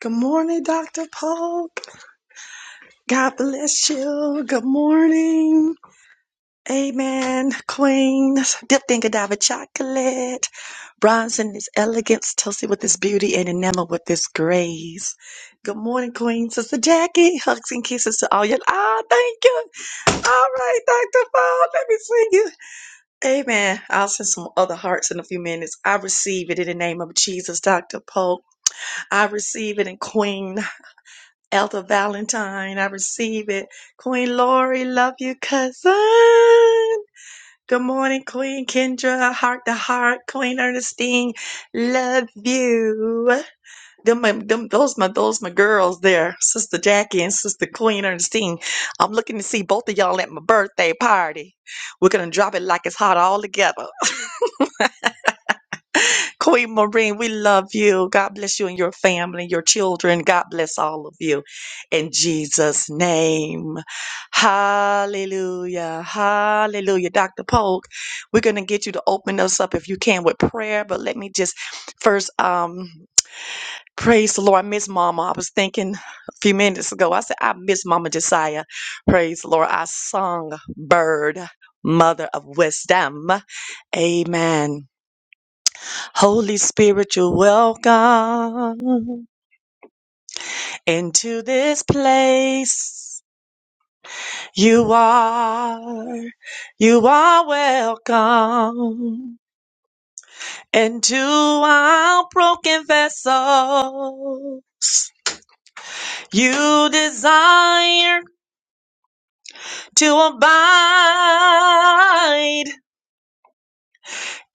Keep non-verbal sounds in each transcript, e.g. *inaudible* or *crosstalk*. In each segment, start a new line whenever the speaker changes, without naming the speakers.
Good morning, Dr. Polk. God bless you. Good morning. Amen. Queens, dipped in Godiva chocolate, bronze in its elegance, toasted with its beauty, and enameled with its grace. Good morning, Queen Sister Jackie. Hugs and kisses to all you. Ah, thank you. All right, Dr. Paul, let me see you. Amen. I'll send some other hearts in a few minutes. I receive it in the name of Jesus, Dr. Polk. I receive it in Queen. Elder Valentine, I receive it. Queen Lori, love you, cousin. Good morning, Queen Kendra, heart to heart. Queen Ernestine, love you. Them, my- them, those my those my girls there, Sister Jackie and Sister Queen Ernestine. I'm looking to see both of y'all at my birthday party. We're gonna drop it like it's hot all together. Queen Maureen, we love you. God bless you and your family, your children. God bless all of you in Jesus' name. Hallelujah. Hallelujah. Dr. Polk, we're going to get you to open us up if you can with prayer, but let me just first um praise the Lord. I miss Mama. I was thinking a few minutes ago. I said, I miss Mama Josiah. Praise the Lord. I sung Bird, Mother of Wisdom. Amen. Holy Spirit, you're welcome into this place. You are, you are welcome into our broken vessel. You desire to abide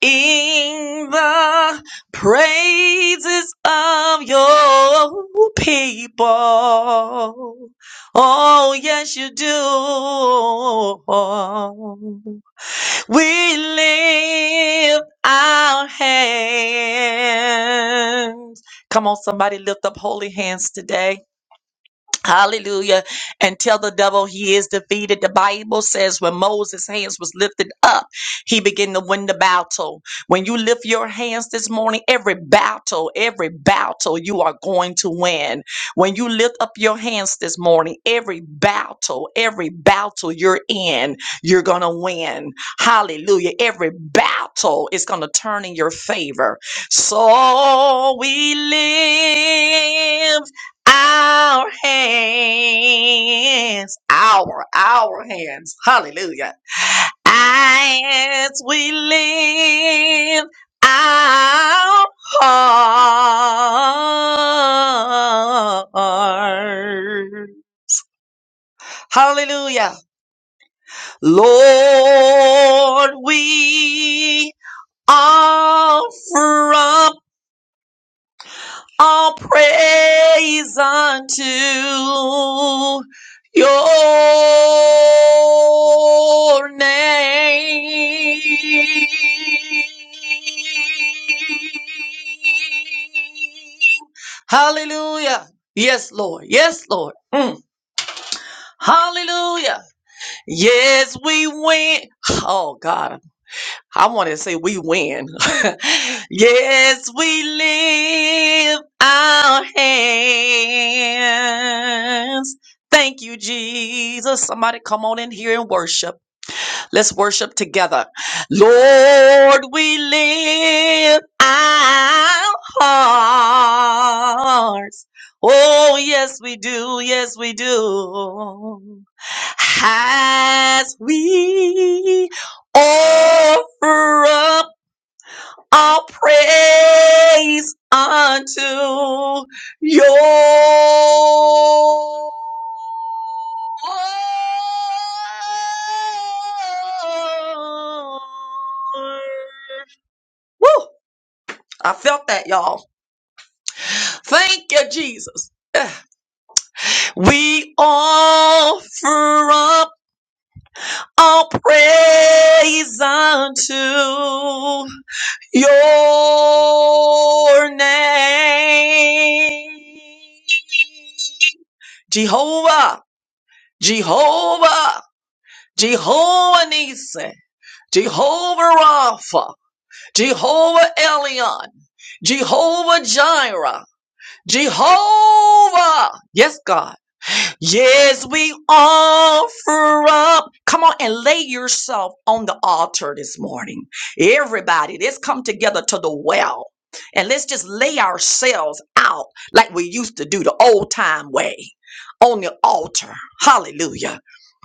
in the praises of your people. Oh, yes, you do. We lift our hands. Come on, somebody lift up holy hands today. Hallelujah. And tell the devil he is defeated. The Bible says when Moses' hands was lifted up, he began to win the battle. When you lift your hands this morning, every battle, every battle you are going to win. When you lift up your hands this morning, every battle, every battle you're in, you're going to win. Hallelujah. Every battle is going to turn in your favor. So we live our hands, our, our hands, hallelujah. As we lift our heart, hallelujah. Lord, we offer up. All praise unto your name. Hallelujah. Yes, Lord. Yes, Lord. Mm. Hallelujah. Yes, we win. Oh, God. I want to say we win. *laughs* yes, we live our hands. Thank you, Jesus. Somebody come on in here and worship. Let's worship together. Lord, we lift our hearts. Oh, yes, we do. Yes, we do. As we offer up. All praise unto your Woo! I felt that, y'all. Thank you, Jesus. Yeah. We offer up our praise unto Your name, Jehovah, Jehovah, Jehovah Nisi, Jehovah Rapha, Jehovah Elion, Jehovah Jireh, Jehovah. Yes, God. Yes, we offer up. Come on and lay yourself on the altar this morning. Everybody, let's come together to the well and let's just lay ourselves out like we used to do the old time way on the altar. Hallelujah.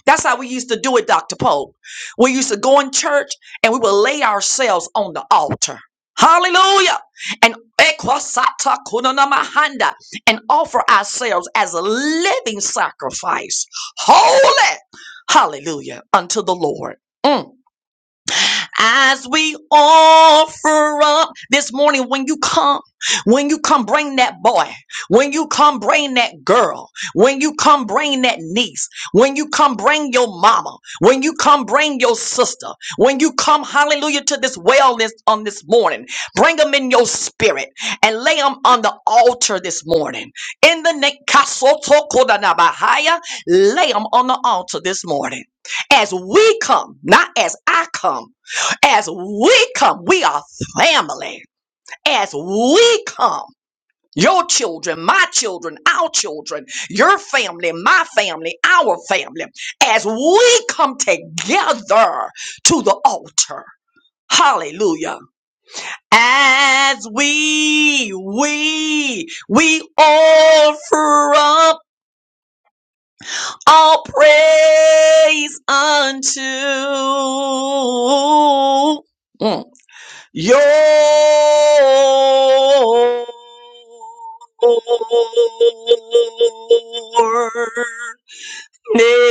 That's how we used to do it, Dr. Pope. We used to go in church and we would lay ourselves on the altar. Hallelujah. And and offer ourselves as a living sacrifice, holy, hallelujah, unto the Lord. Mm as we offer up this morning when you come when you come bring that boy when you come bring that girl when you come bring that niece when you come bring your mama when you come bring your sister when you come hallelujah to this wellness on this morning bring them in your spirit and lay them on the altar this morning in the name Kasotokodanabahaya, lay them on the altar this morning as we come, not as I come. As we come, we are family. As we come, your children, my children, our children, your family, my family, our family, as we come together to the altar. Hallelujah. As we, we, we offer up all praise unto. Mm. Your name.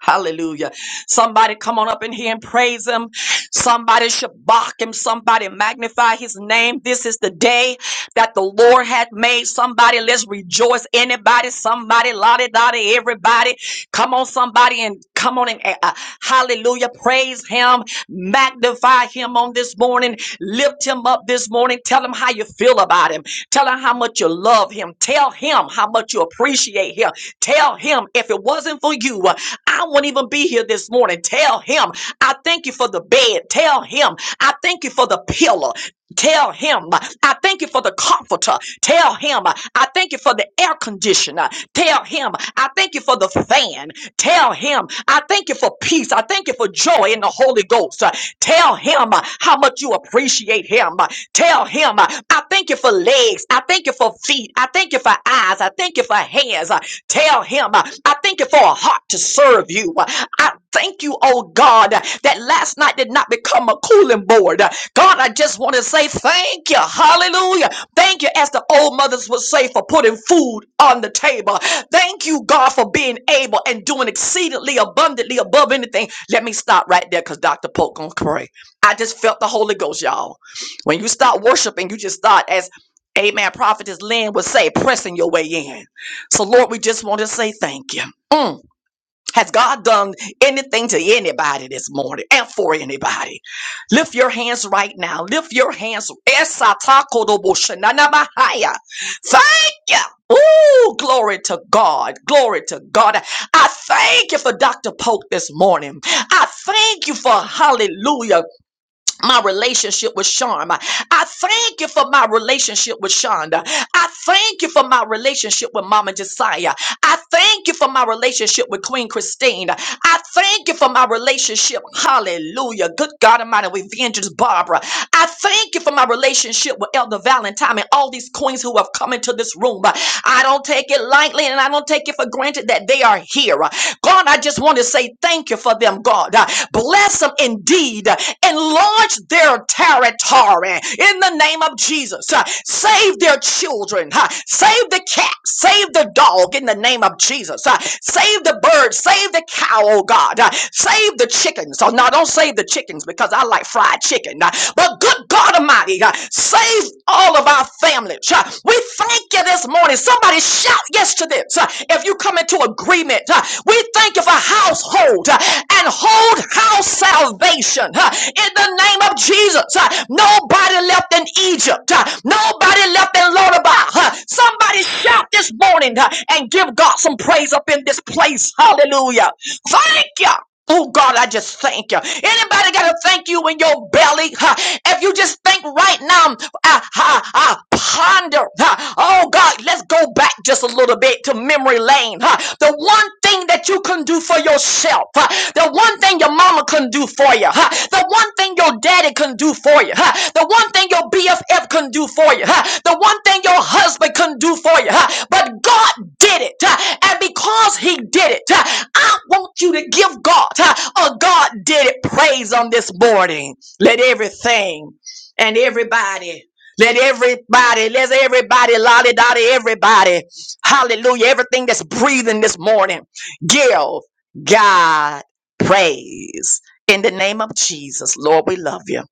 Hallelujah. Somebody come on up in here and praise him. Somebody should bark him. Somebody magnify his name. This is the day that the Lord had made. Somebody let's rejoice. Anybody, somebody, lottie, dottie, everybody. Come on, somebody, and come on and uh, hallelujah. Praise him, magnify him on this morning, lift him up this morning. Tell him how you feel about him, tell him how much you love him, tell him how much you appreciate him. Tell him if it wasn't for you, uh, I wouldn't even be here this morning. Tell him I thank you for the bed. Tell him I thank you for the pillow. Tell him, uh, I thank you for the comforter. Tell him, uh, I thank you for the air conditioner. Tell him, I thank you for the fan. Tell him, I thank you for peace. I thank you for joy in the Holy Ghost. Uh, Tell him uh, how much you appreciate him. Uh, Tell him, uh, I thank you for legs. I thank you for feet. I thank you for eyes. I thank you for hands. Uh, Tell him, uh, I thank thank you for a heart to serve you. I thank you, oh God, that last night did not become a cooling board. God, I just want to say thank you. Hallelujah. Thank you, as the old mothers would say, for putting food on the table. Thank you, God, for being able and doing exceedingly abundantly above anything. Let me stop right there because Dr. Polk gonna pray. I just felt the Holy Ghost, y'all. When you start worshiping, you just start as Amen. Prophetess Lynn would say, pressing your way in. So, Lord, we just want to say thank you. Mm. Has God done anything to anybody this morning and for anybody? Lift your hands right now. Lift your hands. Esatakodoboshananamahaya. Thank you. Ooh, glory to God. Glory to God. I thank you for Dr. Polk this morning. I thank you for, hallelujah, my relationship with Sharm. I thank you for my relationship with Shonda. I thank you for my relationship with Mama Josiah. I thank you for my relationship with Queen Christine. I thank you for my relationship. Hallelujah. Good God Almighty with Vengeance Barbara. I thank you for my relationship with Elder Valentine and all these queens who have come into this room. I don't take it lightly and I don't take it for granted that they are here. God, I just want to say thank you for them, God. Bless them indeed. Enlarge their territory in the name name of Jesus. Uh, Save their children. Uh, Save the cat. Save the dog in the name of Jesus. Uh, Save the bird. Save the cow, oh God. Uh, Save the chickens. So now don't save the chickens because I like fried chicken. Uh, But good God Almighty, uh, save all of our families. Uh, We thank you this morning. Somebody shout yes to this. Uh, If you come into agreement, uh, we thank you for household uh, and hold house salvation huh, in the name of Jesus. huh. Nobody left in Egypt. huh. Nobody left in Lodabar. huh. Somebody shout this morning huh, and give God some praise up in this place. Hallelujah. Thank you. Oh God, I just thank you. Anybody got to thank you in your belly? huh? If you just think right now, ah, ah, ah, ponder. huh? Oh God, let's go back just a little bit to memory lane. huh? The one thing that you can do for yourself, huh? the one thing your mama can do for you, huh? the one thing your daddy can do for you, huh? the one thing your BFF can do for you, huh? the one thing your husband can do for you. huh? But God did it, huh? and because He did it, huh, I want you to give God huh, a God did it praise on this morning. Let everything and everybody. Let everybody, let everybody lolly dolly, everybody. Hallelujah. Everything that's breathing this morning, give God praise. In the name of Jesus, Lord, we love you.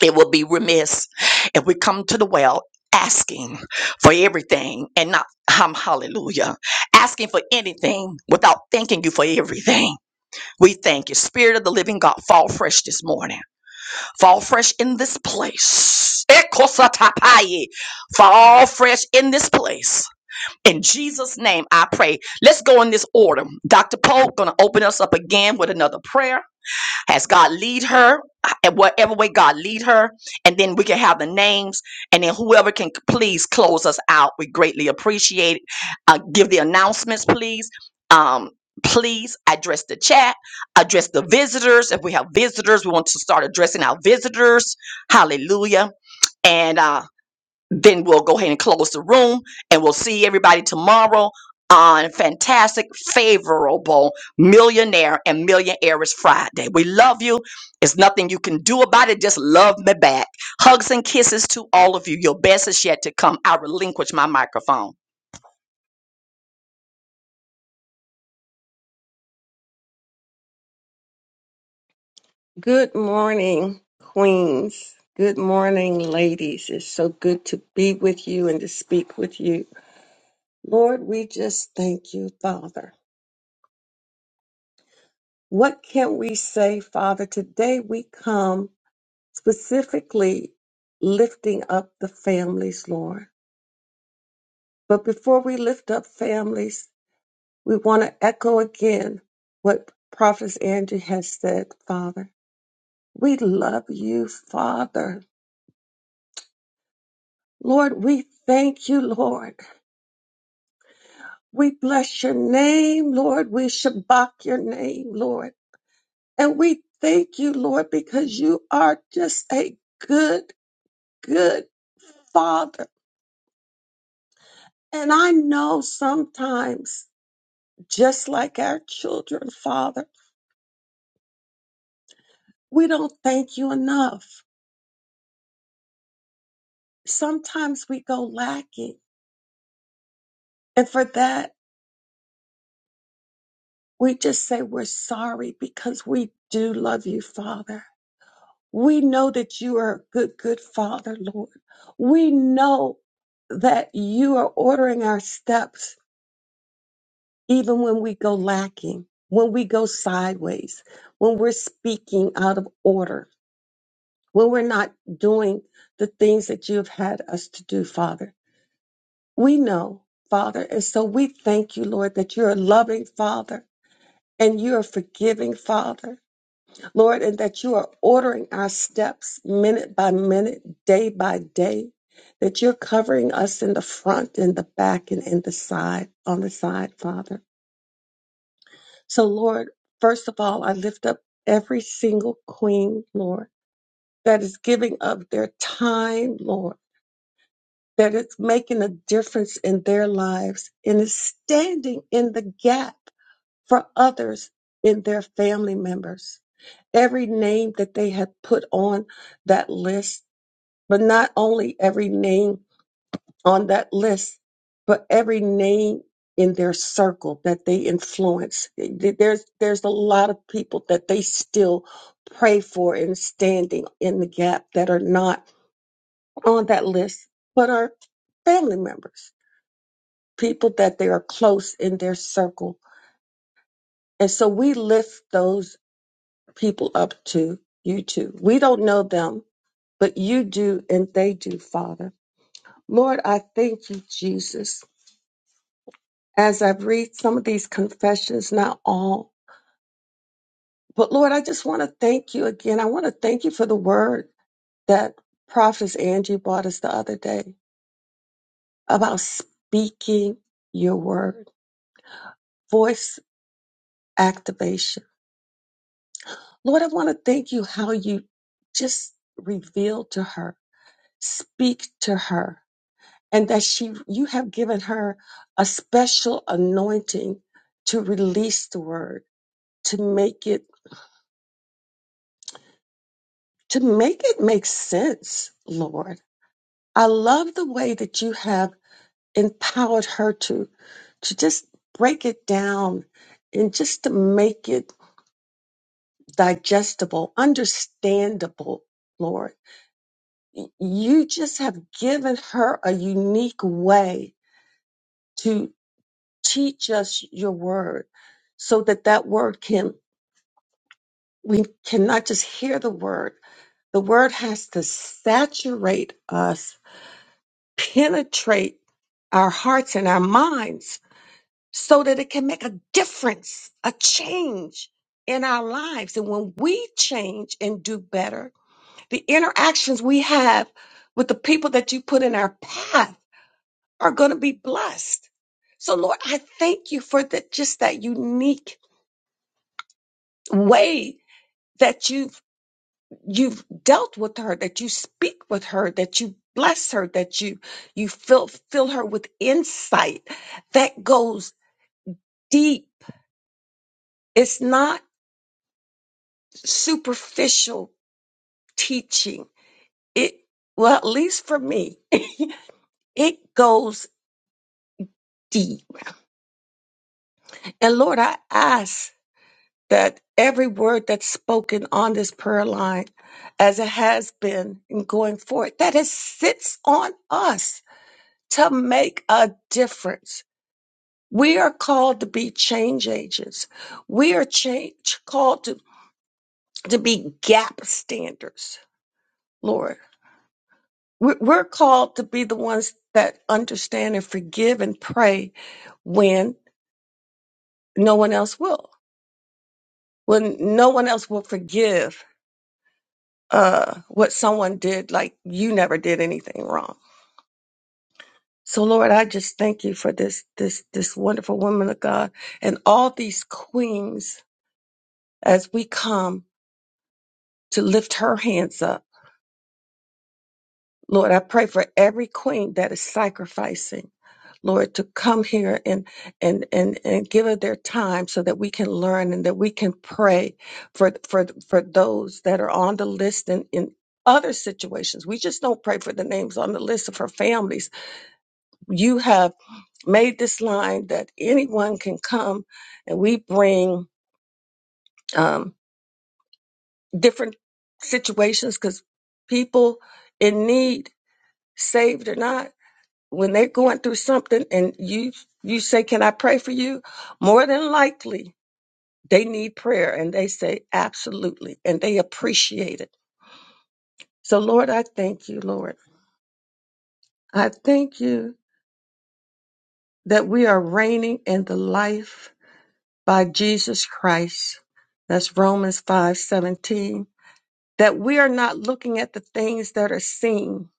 It would be remiss if we come to the well asking for everything and not, um, hallelujah, asking for anything without thanking you for everything. We thank you. Spirit of the living God, fall fresh this morning. Fall fresh in this place. Ekosatapaye. Fall fresh in this place. In Jesus' name, I pray. Let's go in this order. Dr. Pope gonna open us up again with another prayer. Has God lead her and whatever way God lead her, and then we can have the names, and then whoever can please close us out, we greatly appreciate it. Uh, give the announcements, please. Um, please address the chat, address the visitors. If we have visitors, we want to start addressing our visitors. Hallelujah. And. uh, then we'll go ahead and close the room and we'll see everybody tomorrow on fantastic favorable millionaire and millionaires friday we love you it's nothing you can do about it just love me back hugs and kisses to all of you your best is yet to come i relinquish my microphone
Good morning, Queens. Good morning, ladies. It's so good to be with you and to speak with you. Lord, we just thank you, Father. What can we say, Father? Today we come specifically lifting up the families, Lord. But before we lift up families, we want to echo again what Prophet Andrew has said, Father. We love you, Father. Lord, we thank you, Lord. We bless your name, Lord. We shabak your name, Lord. And we thank you, Lord, because you are just a good, good father. And I know sometimes, just like our children, Father, we don't thank you enough. Sometimes we go lacking. And for that, we just say we're sorry because we do love you, Father. We know that you are a good, good father, Lord. We know that you are ordering our steps even when we go lacking, when we go sideways, when we're speaking out of order, when we're not doing the things that you have had us to do, Father. We know, Father. And so we thank you, Lord, that you're a loving Father and you're a forgiving Father Lord, and that you are ordering our steps minute by minute, day by day, that you're covering us in the front and the back and in the side, on the side, Father. So, Lord, first of all, I lift up every single queen, Lord, that is giving up their time, Lord, that is making a difference in their lives and is standing in the gap for others in their family members. every name that they had put on that list, but not only every name on that list, but every name in their circle that they influence. There's there's a lot of people that they still pray for and standing in the gap that are not on that list, but are family members, people that they are close in their circle. And so we lift those people up to you too. We don't know them but you do and they do, Father. Lord, I thank you, Jesus, as i read some of these confessions, not all. But Lord, I just want to thank you again. I want to thank you for the word that Prophet Angie brought us the other day about speaking your word, voice activation. Lord, I want to thank you how you just revealed to her, speak to her and that she you have given her a special anointing to release the word to make it to make it make sense lord i love the way that you have empowered her to to just break it down and just to make it digestible understandable lord Y- you just have given her a unique way to teach us your word so that that word can we cannot just hear the word. The word has to saturate us, penetrate our hearts and our minds so that it can make a difference, a change in our lives. And when we change and do better, the interactions we have with the people that you put in our path are going to be blessed. So Lord, I thank you for that, just that unique way that you you've dealt with her, that you speak with her, that you bless her, that you you fill fill her with insight that goes deep. It's not superficial teaching. It well, at least for me, *laughs* it goes deep. And Lord, I ask that every word that's spoken on this prayer line, as it has been and going forward, that it sits on us to make a difference We are called to be change agents. We are change, called to, to be gap standers, Lord. We're, we're called to be the ones that understand and forgive and pray when no one else will. When no one else will forgive uh, what someone did, like you never did anything wrong. So, Lord, I just thank you for this this this wonderful woman of God and all these queens as we come to lift her hands up Lord, I pray for every queen that is sacrificing, Lord, to come here and and and and give it their time so that we can learn and that we can pray for for for those that are on the list and in other situations. We just don't pray for the names on the list of her families. You have made this line that anyone can come and we bring um, different situations because people in need, saved or not when they're going through something and you you say can i pray for you more than likely they need prayer and they say absolutely and they appreciate it so lord i thank you lord i thank you that we are reigning in the life by jesus christ that's romans five seventeen. that we are not looking at the things that are seen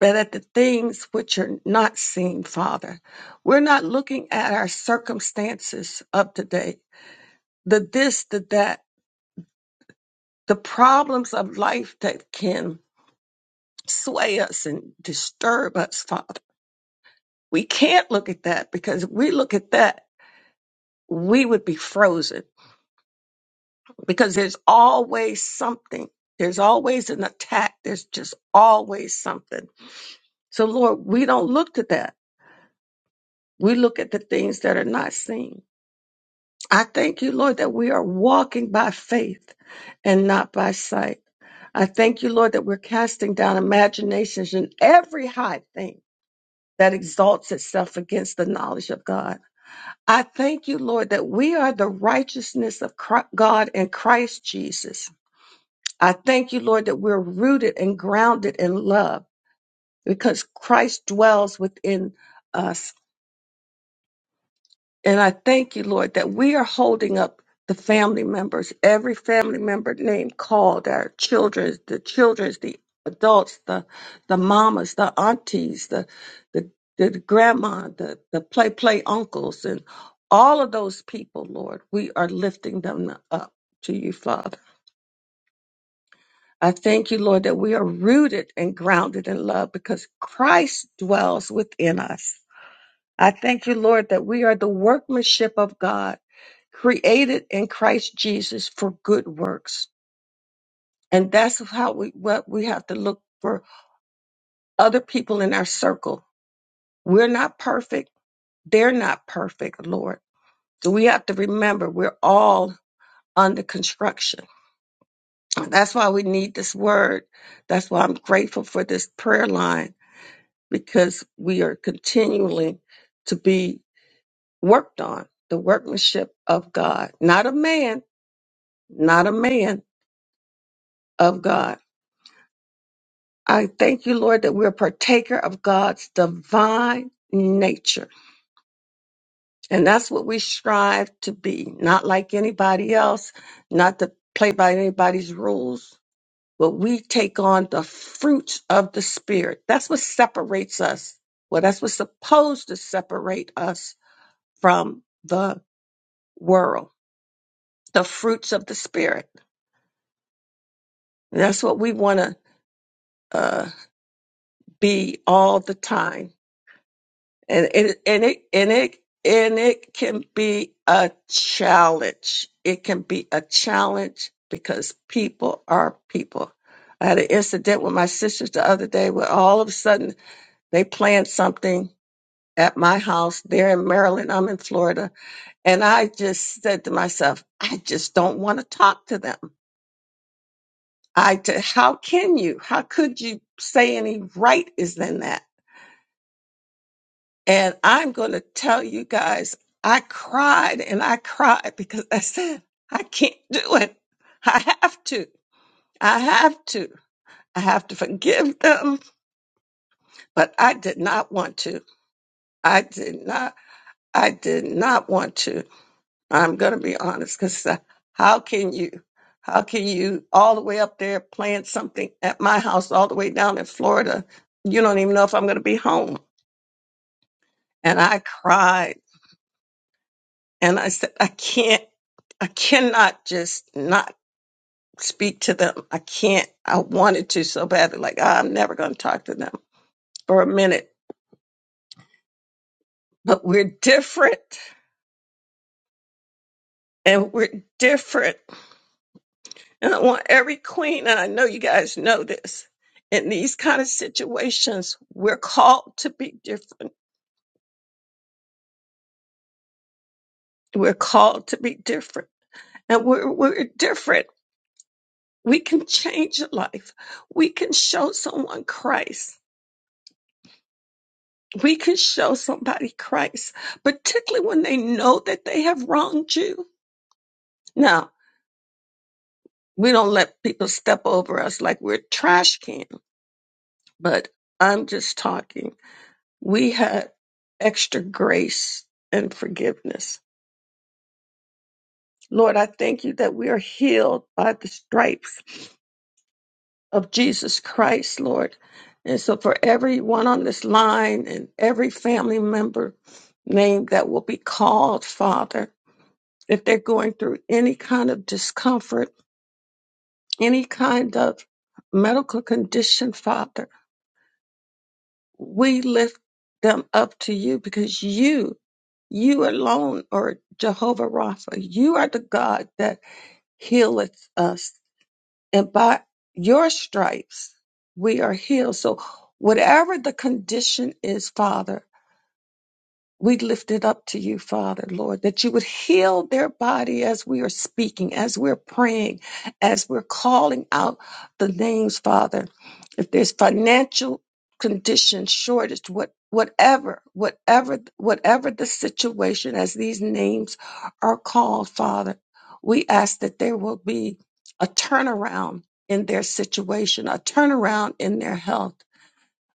but at the things which are not seen father we're not looking at our circumstances of today the this, the that, the problems of life that can sway us and disturb us, Father. We can't look at that because if we look at that, we would be frozen because there's always something. There's always an attack. There's just always something. So, Lord, we don't look to that. We look at the things that are not seen. I thank you, Lord, that we are walking by faith and not by sight. I thank you, Lord, that we're casting down imaginations and every high thing that exalts itself against the knowledge of God. I thank you, Lord, that we are the righteousness of Chri- God in Christ Jesus. I thank you, Lord, that we're rooted and grounded in love because Christ dwells within us And I thank you, Lord, that we are holding up the family members, every family member name called, our children, the children's, the adults, the the mamas, the aunties, the the, the grandma, the, the play play uncles, and all of those people, Lord, we are lifting them up to you, Father. I thank you, Lord, that we are rooted and grounded in love because Christ dwells within us I thank you, Lord, that we are the workmanship of God, created in Christ Jesus for good works. And that's how we what we have to look for other people in our circle. We're not perfect. They're not perfect, Lord. So we have to remember we're all under construction. That's why we need this word. That's why I'm grateful for this prayer line because we are continually to be worked on, the workmanship of God, not of man, not a man of God. I thank you, Lord, that we're a partaker of God's divine nature. And that's what we strive to be, not like anybody else, not to play by anybody's rules, but we take on the fruits of the Spirit. That's what separates us. Well, that's what's supposed to separate us from the world, the fruits of the Spirit. And that's what we want to uh, be all the time and it and it and it and it can be a challenge. It can be a challenge because people are people. I had an incident with my sisters the other day where all of a sudden they planned something at my house. They're in Maryland, I'm in Florida, and I just said to myself, I just don't want to talk to them. I t- how can you? How could you say any right is in that? And I'm going to tell you guys, I cried and I cried because I said, I can't do it. I have to. I have to. I have to forgive them, but I did not want to. I did not. I did not want to. I'm going to be honest because how can you? How can you all the way up there playing something at my house all the way down in Florida? You don't even know if I'm going to be home. And I cried And I said, I can't, I cannot just not speak to them. I can't. I wanted to so badly. Like, "Ah, I'm never going to talk to them for a minute. But we're different and we're different. And I want every queen, and I know you guys know this. In these kind of situations, we're called to be different. We're called to be different. And we're, we're different. We can change a life. We can show someone Christ we can show somebody Christ, particularly when they know that they have wronged you. Now, we don't let people step over us like we're a trash can, but I'm just talking. We have extra grace and forgiveness. Lord, I thank you that we are healed by the stripes of Jesus Christ, Lord. And so for everyone on this line and every family member name that will be called, Father, if they're going through any kind of discomfort, any kind of medical condition, Father, we lift them up to you because you, you alone are Jehovah Rapha. You are the God that healeth us. And by your stripes, we are healed. So, whatever the condition is, Father, We lift it up to you, Father, Lord, that you would heal their body as we are speaking, as we're praying, as we're calling out the names, Father. If there's financial condition, shortage, what, whatever, whatever, whatever the situation, as these names are called, Father, we ask that there will be a turnaround in their situation, a turnaround in their health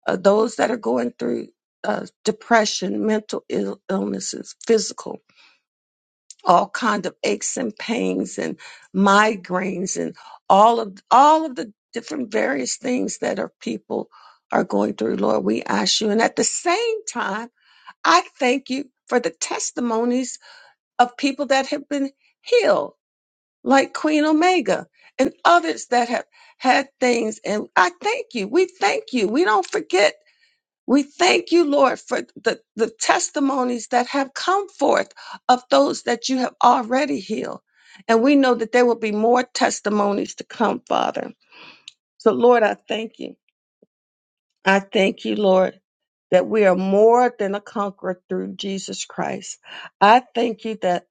uh, those that are going through uh, depression, mental Ill- illnesses, physical, all kind of aches and pains and migraines and all of all of the different various things that our people are going through. Lord, we ask you, and at the same time, I thank you for the testimonies of people that have been healed, like Queen Omega and others that have had things. And I thank you. We thank you. We don't forget we thank you, Lord, for the, the testimonies that have come forth of those that you have already healed. And we know that there will be more testimonies to come, Father. So, Lord, I thank you. I thank you, Lord, that we are more than a conqueror through Jesus Christ. I thank you that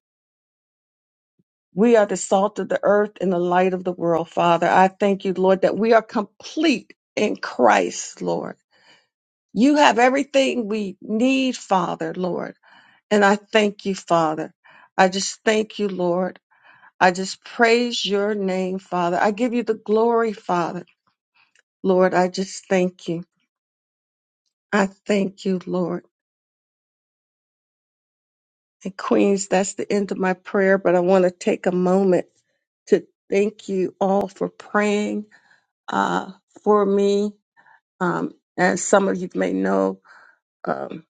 we are the salt of the earth and the light of the world, Father. I thank you, Lord, that we are complete in Christ, Lord. You have everything we need, Father, Lord. And I thank you, Father. I just thank you, Lord. I just praise your name, Father. I give you the glory, Father. Lord, I just thank you. I thank you, Lord. And Queens, that's the end of my prayer, but I want to take a moment to thank you all for praying uh, for me. Um, as some of you may know, um,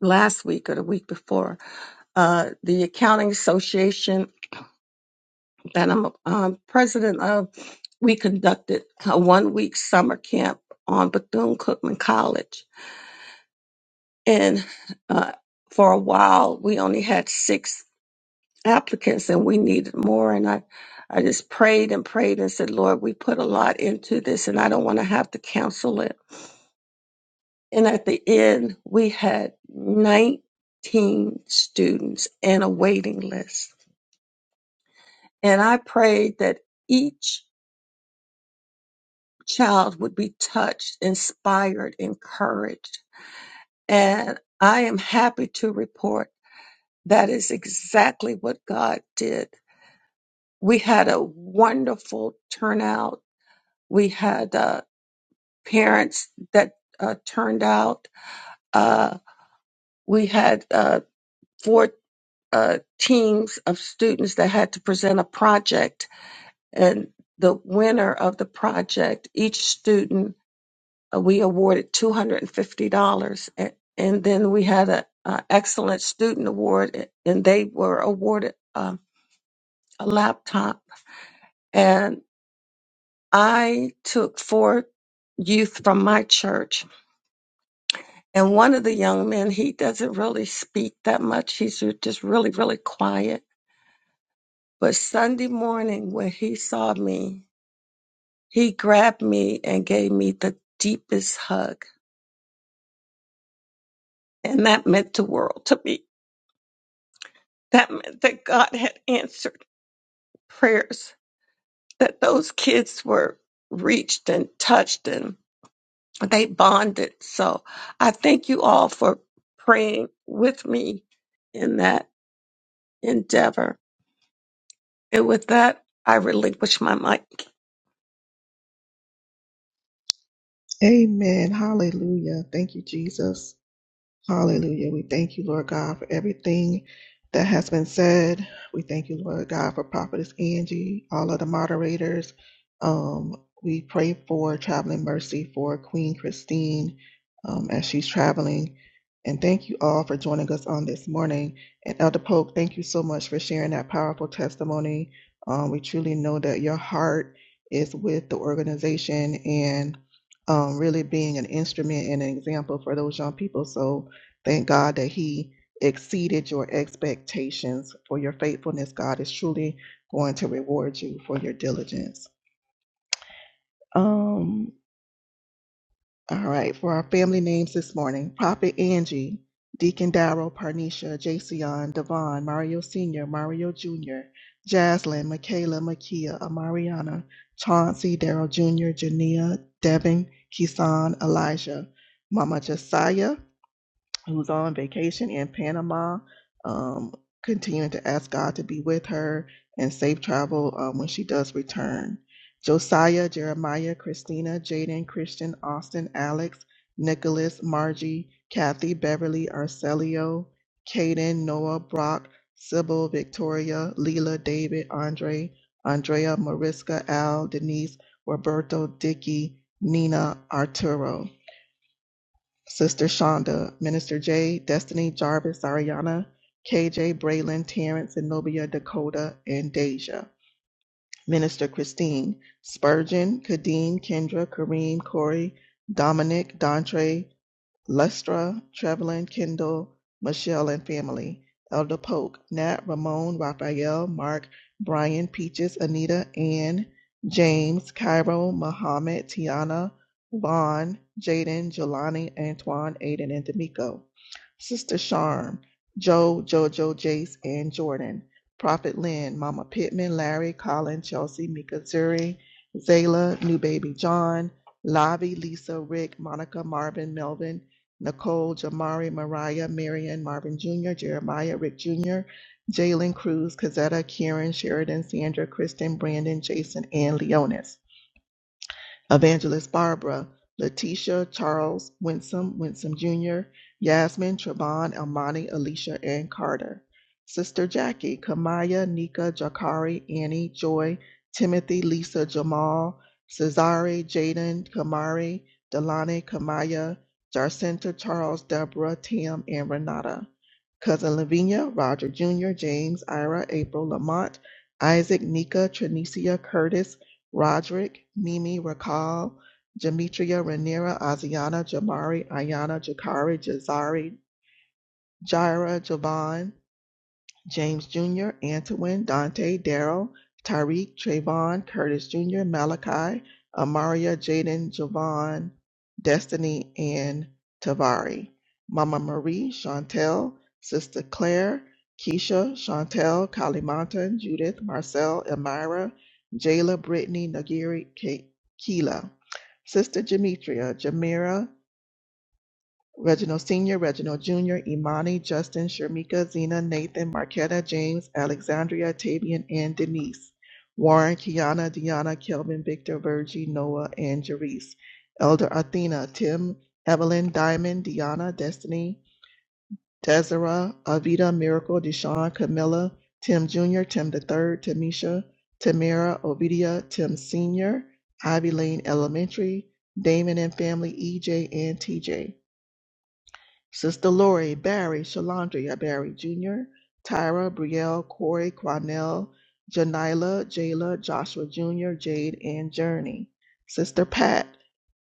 last week or the week before, uh, the Accounting Association and I'm um, president of. We conducted a one week summer camp on Bethune Cookman College. And uh, for a while, we only had six applicants and we needed more. And I, I just prayed and prayed and said, Lord, we put a lot into this and I don't want to have to cancel it. And at the end, we had 19 students and a waiting list. And I prayed that each child would be touched, inspired, encouraged. And I am happy to report that is exactly what God did. We had a wonderful turnout. We had uh, parents that uh, turned out. Uh, we had uh, four uh, teams of students that had to present a project, and the winner of the project, each student Uh, we awarded $250. And fifty dollars, and then we had a a excellent student award, a- and they were awarded um a laptop. And I took four youth from my church. And one of the young men, he doesn't really speak that much. He's ju- just really, really quiet. But Sunday morning, when he saw me, he grabbed me and gave me the deepest hug. And that meant the world to me. That meant that God had answered prayers that those kids were reached and touched and they bonded. So I thank you all for praying with me in that endeavor. And with that, I relinquish my mic.
Amen. Hallelujah. Thank you, Jesus. Hallelujah. We thank you, Lord God, for everything that has been said. We thank you, Lord God, for Prophetess Angie, all of the moderators. Um, we pray for traveling mercy for Queen Christine um, as she's traveling. And thank you all for joining us on this morning. And Elder Polk, thank you so much for sharing that powerful testimony. Um, we truly know that your heart is with the organization and um, really being an instrument and an example for those young people. So, Thank God that He exceeded your expectations for your faithfulness. God is truly going to reward you for your diligence. Um, all right, for our family names this morning, Prophet Angie, Deacon Darrell, Parnisha, Jason, Devon, Mario Sr., Mario Jr., Jaslyn, Michaela, Makia, Amariana, Chauncey, Darrell Jr., Jania, Devin, Kisan, Elijah, Mama Josiah, who's on vacation in Panama, um, continuing to ask God to be with her and safe travel um, when she does return. Josiah, Jeremiah, Christina, Jaden, Christian, Austin, Alex, Nicholas, Margie, Kathy, Beverly, Arcelio, Caden, Noah, Brock, Sybil, Victoria, Leela, David, Andre, Andrea, Mariska, Al, Denise, Roberto, Dicky, Nina, Arturo. Sister Shonda, Minister Jay, Destiny Jarvis, Ariana, KJ, Braylon, Terrence, Zenobia, Dakota, and Deja. Minister Christine, Spurgeon, Kadeem, Kendra, Kareem, Corey, Dominic, Dontre, Lustra, Trevelyan Kendall, Michelle and family, Elder Polk, Nat, Ramon, Raphael, Mark, Brian, Peaches, Anita, Ann, James, Cairo, Muhammad, Tiana, Vaughn, Jaden, Jelani, Antoine, Aiden, and D'Amico. Sister Charm, Joe, Jojo, Jace, and Jordan. Prophet Lynn, Mama Pittman, Larry, Colin, Chelsea, Mika, Zuri, Zayla, New Baby John, Lavi, Lisa, Rick, Monica, Marvin, Melvin, Nicole, Jamari, Mariah, Marion, Marvin Jr., Jeremiah, Rick Jr., Jalen Cruz, Kazetta, Kieran, Sheridan, Sandra, Kristen, Brandon, Jason, and Leonis. Evangelist Barbara, Letitia, Charles, Winsome, Winsome Jr., Yasmin, Trevon, Elmani, Alicia, and Carter. Sister Jackie, Kamaya, Nika, Jakari, Annie, Joy, Timothy, Lisa, Jamal, Cesare, Jaden, Kamari, Delane, Kamaya, Jarcinta, Charles, Deborah, Tam, and Renata. Cousin Lavinia, Roger Jr., James, Ira, April, Lamont, Isaac, Nika, Trinicia, Curtis, Roderick, Mimi, Rakal, Demetria, Ranira, Aziana, Jamari, Ayana, Jakari, Jazari, Jaira, Javon, James Jr., Antoine, Dante, Daryl, Tyreek, Trayvon, Curtis Jr., Malachi, Amaria, Jaden, Javon, Destiny, and Tavari. Mama Marie, Chantel, Sister Claire, Keisha, Chantel, Kalimantan, Judith, Marcel, Elmira, Jayla, Brittany, Nagiri, Ke- Keela. Sister Demetria, Jamira, Reginald Sr., Reginald Jr., Imani, Justin, Sharmika, Zena, Nathan, Marquetta, James, Alexandria, Tavian, and Denise. Warren, Kiana, Deanna, Kelvin, Victor, Virgie, Noah, and Jerice. Elder Athena, Tim, Evelyn, Diamond, Deanna, Destiny, Tezera, Avita, Miracle, Deshawn, Camilla, Tim Jr., Tim the Third, Tamisha, Tamara, Ovidia, Tim Sr., Ivy Lane Elementary, Damon and Family, EJ, and TJ. Sister Lori, Barry, Shalandria Barry Jr., Tyra, Brielle, Corey, Quanell, Janila, Jayla, Joshua Jr., Jade, and Journey. Sister Pat,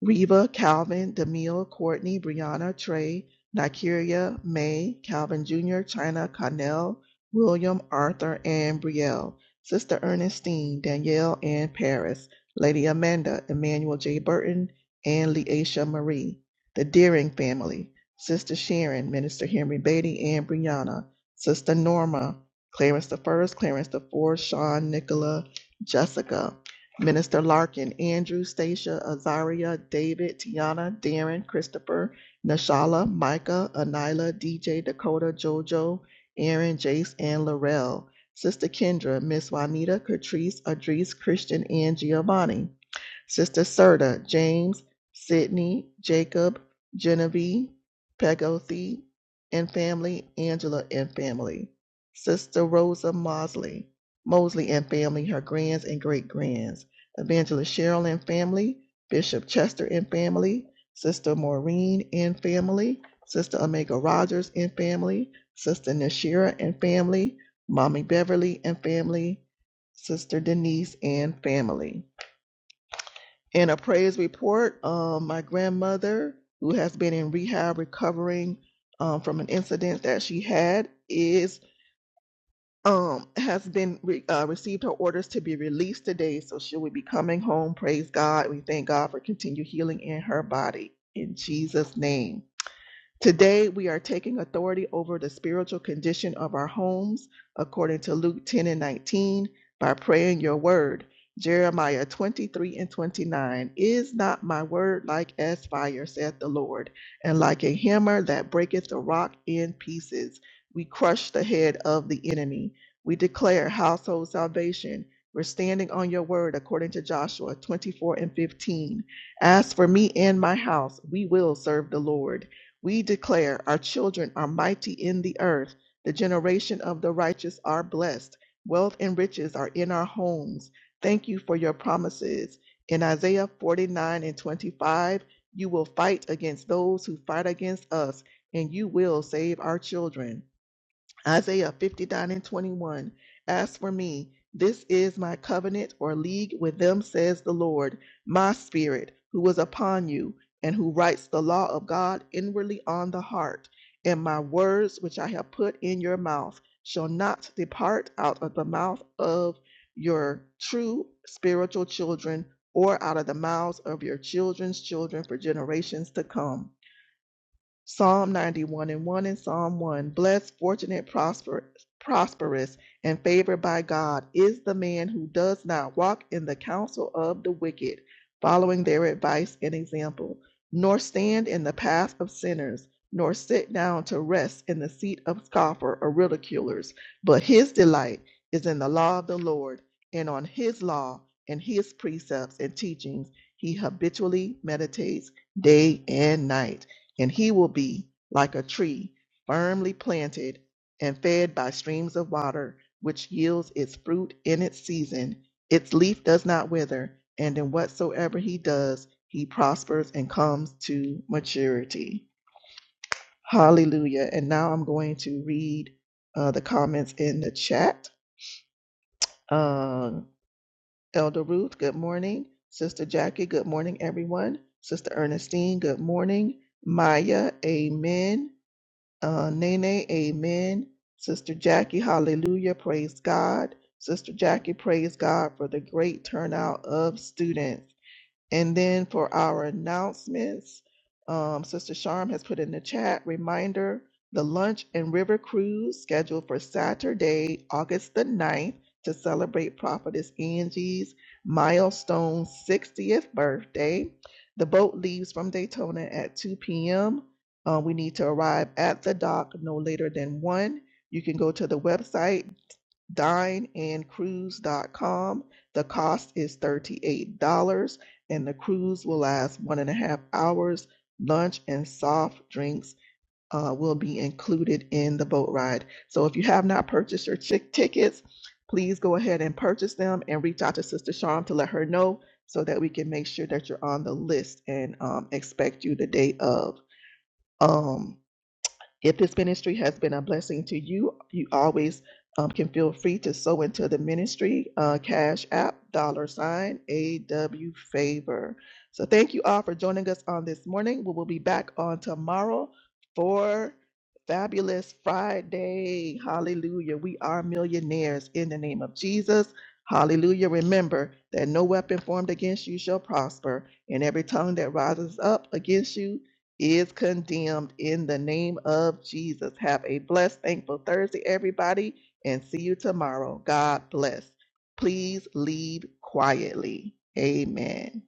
Reba, Calvin, Demille, Courtney, Brianna, Trey, Nikeria, May, Calvin Jr., China, Connell, William, Arthur, and Brielle. Sister Ernestine, Danielle, and Paris. Lady Amanda, Emmanuel J. Burton, and Leisha Marie. The Deering family. Sister Sharon, Minister Henry Beatty, and Brianna, Sister Norma, Clarence the First, Clarence the Fourth, Sean, Nicola, Jessica, Minister Larkin, Andrew, Stacia, Azaria, David, Tiana, Darren, Christopher, Nashala, Micah, Anila, DJ, Dakota, Jojo, Aaron, Jace, and Laurel, Sister Kendra, Miss Juanita, Catrice, Adrice, Christian, and Giovanni. Sister Serta, James, Sydney, Jacob, Genevieve, Pegothy and family, Angela and family, Sister Rosa Mosley, Mosley and family, her grands and great grands, Evangelist Cheryl and family, Bishop Chester and family, Sister Maureen and family, Sister Omega Rogers and family, Sister Nashira and family, Mommy Beverly and family, Sister Denise and family. In a praise report um, my grandmother, who has been in rehab recovering um, from an incident that she had, is um, has been re- uh, received her orders to be released today. So she will be coming home. Praise God. We thank God for continued healing in her body. In Jesus' name. Today, we are taking authority over the spiritual condition of our homes, according to Luke 10 and 19, by praying your word. Jeremiah 23 and 29. Is not my word like as fire, saith the Lord, and like a hammer that breaketh the rock in pieces? We crush the head of the enemy. We declare household salvation. We're standing on your word, according to Joshua 24 and 15. As for me and my house, we will serve the Lord. We declare our children are mighty in the earth. The generation of the righteous are blessed. Wealth and riches are in our homes. Thank you for your promises. In Isaiah 49 and 25, you will fight against those who fight against us, and you will save our children. Isaiah 59 and 21. As for me, this is my covenant or league with them, says the Lord, my spirit, who was upon you, and who writes the law of God inwardly on the heart. And my words, which I have put in your mouth, shall not depart out of the mouth of your true spiritual children, or out of the mouths of your children's children for generations to come. Psalm 91 and 1 and Psalm 1. Blessed, fortunate, prosper, prosperous, and favored by God is the man who does not walk in the counsel of the wicked, following their advice and example, nor stand in the path of sinners, nor sit down to rest in the seat of scoffers or ridiculers. But his delight is in the law of the Lord, and on his law and his precepts and teachings he habitually meditates day and night and he will be like a tree firmly planted and fed by streams of water, which yields its fruit in its season. Its leaf does not wither, and in whatsoever he does, he prospers and comes to maturity. Hallelujah. And now I'm going to read uh, the comments in the chat. Uh, Elder Ruth, good morning. Sister Jackie, good morning, everyone. Sister Ernestine, good morning. Maya, amen. Uh, Nene, amen. Sister Jackie, hallelujah. Praise God. Sister Jackie, praise God for the great turnout of students. And then for our announcements, um, Sister Sharm has put in the chat reminder the lunch and river cruise scheduled for Saturday, August the ninth, to celebrate Prophetess Angie's milestone 60th birthday. The boat leaves from Daytona at 2 p.m. Uh, we need to arrive at the dock no later than 1. You can go to the website dineandcruise.com. The cost is $38, and the cruise will last one and a half hours. Lunch and soft drinks uh, will be included in the boat ride. So if you have not purchased your chick tickets, please go ahead and purchase them and reach out to Sister Charm to let her know so that we can make sure that you're on the list and um, expect you the day of. Um, if this ministry has been a blessing to you, you always um, can feel free to sow into the ministry, uh, Cash App, dollar sign, AW Favor. So thank you all for joining us on this morning. We will be back on tomorrow for Fabulous Friday. Hallelujah. We are millionaires in the name of Jesus. Hallelujah. Remember that no weapon formed against you shall prosper, and every tongue that rises up against you is condemned in the name of Jesus. Have a blessed, thankful Thursday, everybody, and see you tomorrow. God bless. Please leave quietly. Amen.